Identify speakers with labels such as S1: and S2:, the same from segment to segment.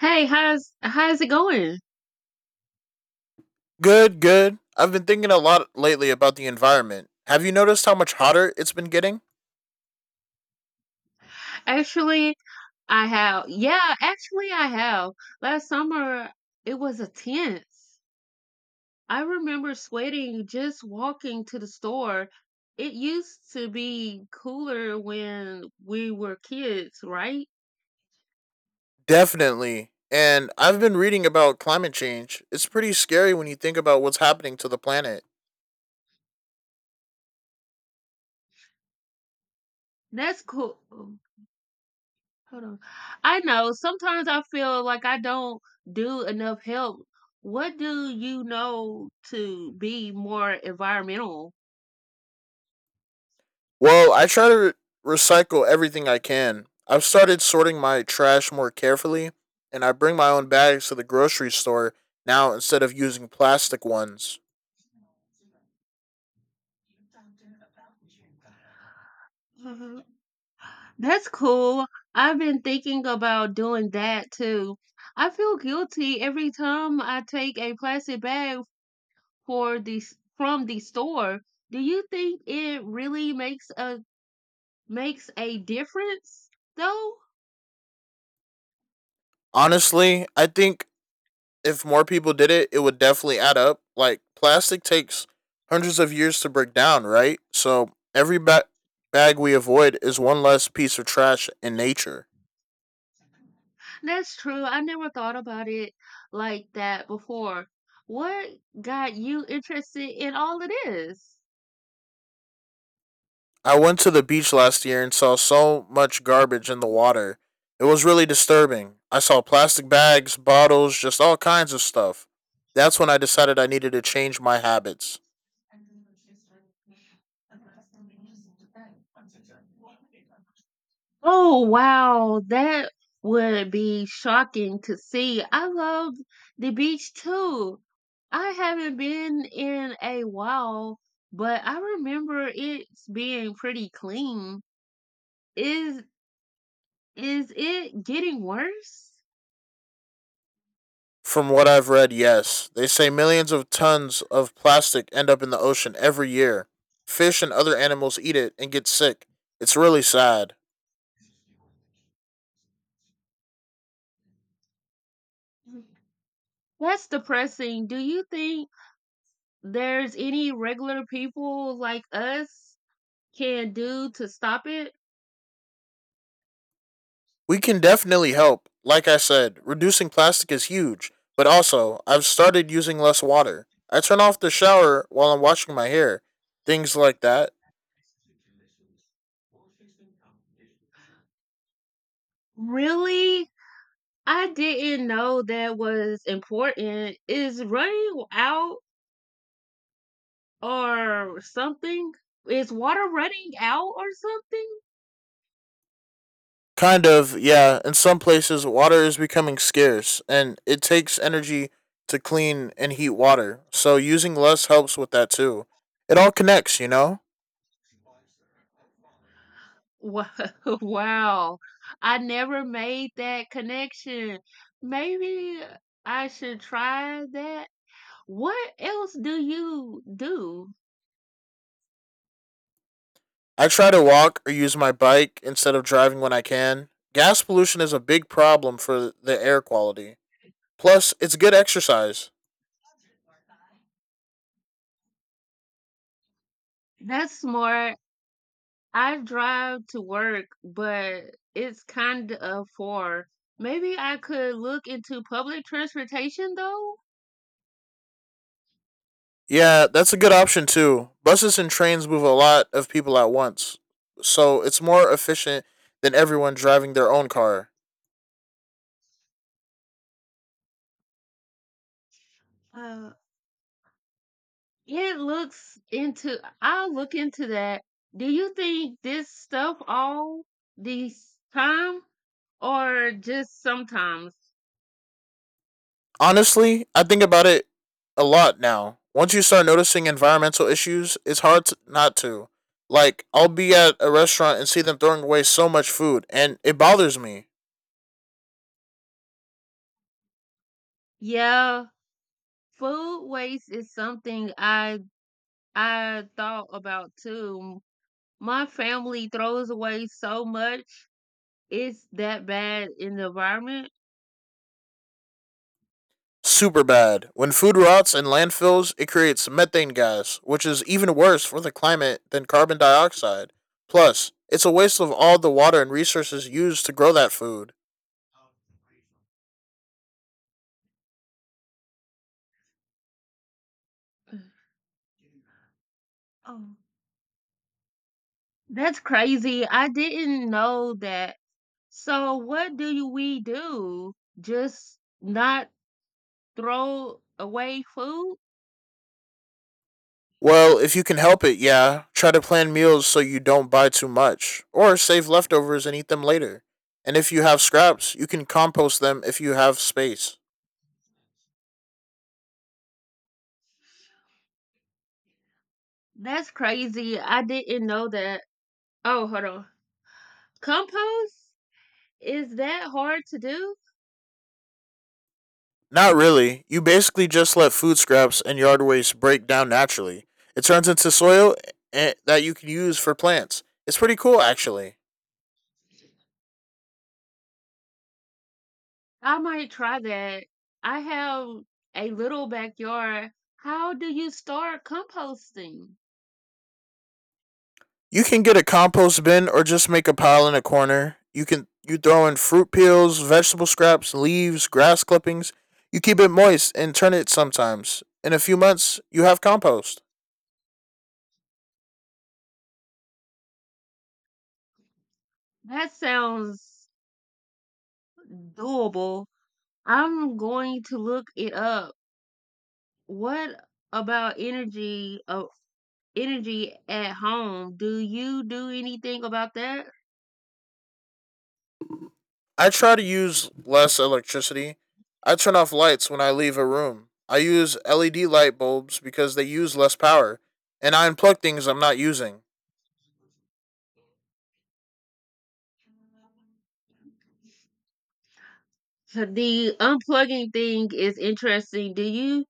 S1: Hey, how's it going?
S2: Good, good. I've been thinking a lot lately about the environment. Have you noticed how much hotter it's been getting?
S1: Actually, I have. Yeah, actually, I have. Last summer, it was intense. I remember sweating just walking to the store. It used to be cooler when we were kids, right?
S2: Definitely. And I've been reading about climate change. It's pretty scary when you think about what's happening to the planet.
S1: That's cool. Hold on. I know. Sometimes I feel like I don't do enough help. What do you know to be more environmental?
S2: Well, I try to recycle everything I can. I've started sorting my trash more carefully, and I bring my own bags to the grocery store now instead of using plastic ones.
S1: Mhm. That's cool. I've been thinking about doing that too. I feel guilty every time I take a plastic bag from the store. Do you think it really makes a difference though?
S2: Honestly, I think if more people did it, it would definitely add up. Like plastic takes hundreds of years to break down, right? So every bag we avoid is one less piece of trash in nature.
S1: That's true. I never thought about it like that before. What got you interested in all of this?
S2: I went to the beach last year and saw so much garbage in the water. It was really disturbing. I saw plastic bags, bottles, just all kinds of stuff. That's when I decided I needed to change my habits.
S1: Oh, wow. That would be shocking to see. I love the beach too. I haven't been in a while, but I remember it being pretty clean. Is is it getting worse?
S2: From what I've read, yes. They say millions of tons of plastic end up in the ocean every year. Fish and other animals eat it and get sick. It's really sad.
S1: That's depressing. Do you think there's any regular people like us can do to stop it?
S2: We can definitely help. Like I said, reducing plastic is huge, but also, I've started using less water. I turn off the shower while I'm washing my hair, things like that.
S1: Really? I didn't know that was important. Is running out or something? Is water running out or something?
S2: Kind of, yeah. In some places, water is becoming scarce, and it takes energy to clean and heat water, so using less helps with that too. It all connects, you know?
S1: Wow, I never made that connection. Maybe I should try that. What else do you do?
S2: I try to walk or use my bike instead of driving when I can. Gas pollution is a big problem for the air quality. Plus, it's good exercise.
S1: That's smart. I drive to work, but it's kind of far. Maybe I could look into public transportation though.
S2: Yeah, that's a good option too. Buses and trains move a lot of people at once, so it's more efficient than everyone driving their own car.
S1: It looks into I'll look into that. Do you think this stuff all this time or just sometimes?
S2: Honestly, I think about it a lot now. Once you start noticing environmental issues, it's hard to, not to. Like, I'll be at a restaurant and see them throwing away so much food, and it bothers me
S1: Yeah, food waste is something I thought about too. My family throws away so much. It's that bad in the environment.
S2: super bad. When food rots in landfills, it creates methane gas, which is even worse for the climate than carbon dioxide. Plus, it's a waste of all the water and resources used to grow that food.
S1: Oh, that's crazy. I didn't know that. So what do you we do? Just not throw away food?
S2: Well, if you can help it, yeah. Try to plan meals so you don't buy too much, or save leftovers and eat them later. And if you have scraps, you can compost them if you have space.
S1: That's crazy. I didn't know that. Oh, hold on. Compost? Is that hard to do?
S2: Not really. You basically just let food scraps and yard waste break down naturally. It turns into soil that you can use for plants. It's pretty cool, actually.
S1: I might try that. I have a little backyard. How do you start composting?
S2: You can get a compost bin or just make a pile in a corner. You throw in fruit peels, vegetable scraps, leaves, grass clippings. You keep it moist and turn it sometimes. In a few months, you have compost.
S1: That sounds doable. I'm going to look it up. What about energy at home. Do you do anything about that?
S2: I try to use less electricity. I turn off lights when I leave a room. I use LED light bulbs because they use less power, and I unplug things I'm not using.
S1: So the unplugging thing is interesting. Do you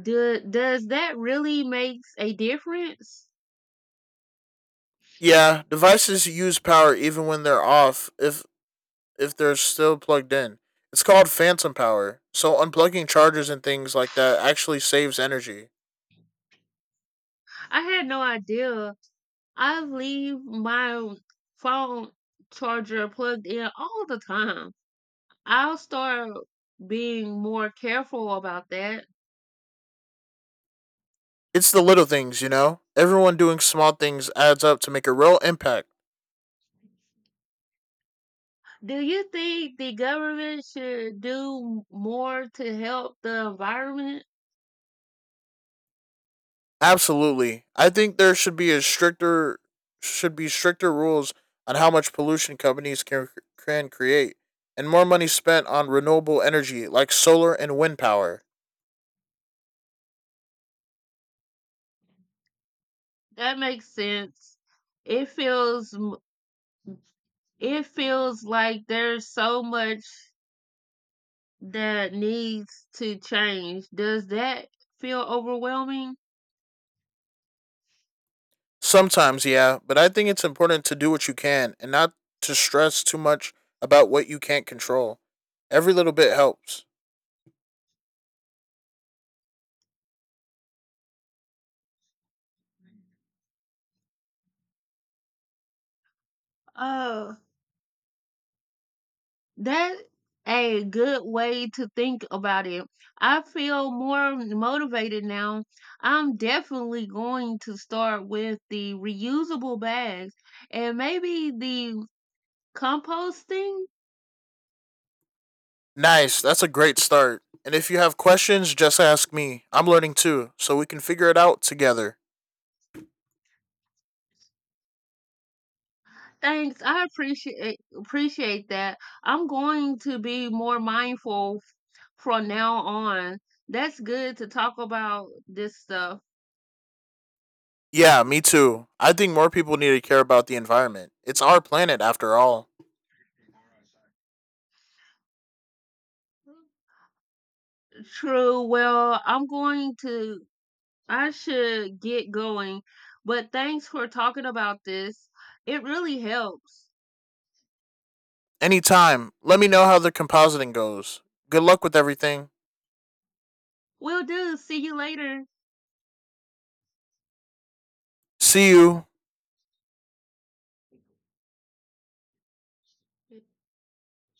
S1: do does that really makes a difference?
S2: Yeah, devices use power even when they're off if they're still plugged in. It's called phantom power. So unplugging chargers and things like that actually saves energy.
S1: I had no idea. I leave my phone charger plugged in all the time. I'll start being more careful about that.
S2: It's the little things, you know? Everyone doing small things adds up to make a real impact.
S1: Do you think the government should do more to help the environment?
S2: Absolutely. I think there should be a stricter should be stricter rules on how much pollution companies can create and more money spent on renewable energy like solar and wind power.
S1: That makes sense. It feels m- it feels like there's so much that needs to change. Does that feel overwhelming?
S2: Sometimes, yeah, but I think it's important to do what you can and not to stress too much about what you can't control. Every little bit helps.
S1: Oh, that a good way to think about it. I feel more motivated now. I'm definitely going to start with the reusable bags and maybe the composting.
S2: Nice, that's a great start. And if you have questions, just ask me. I'm learning too, so we can figure it out together.
S1: Thanks. I appreciate appreciate that. I'm going to be more mindful from now on. That's good to talk about this stuff.
S2: Yeah, me too. I think more people need to care about the environment. It's our planet after all.
S1: True. Well, I should get going, but thanks for talking about this. It really helps.
S2: Anytime, let me know how the compositing goes. Good luck with everything.
S1: Will do. See you later.
S2: See you.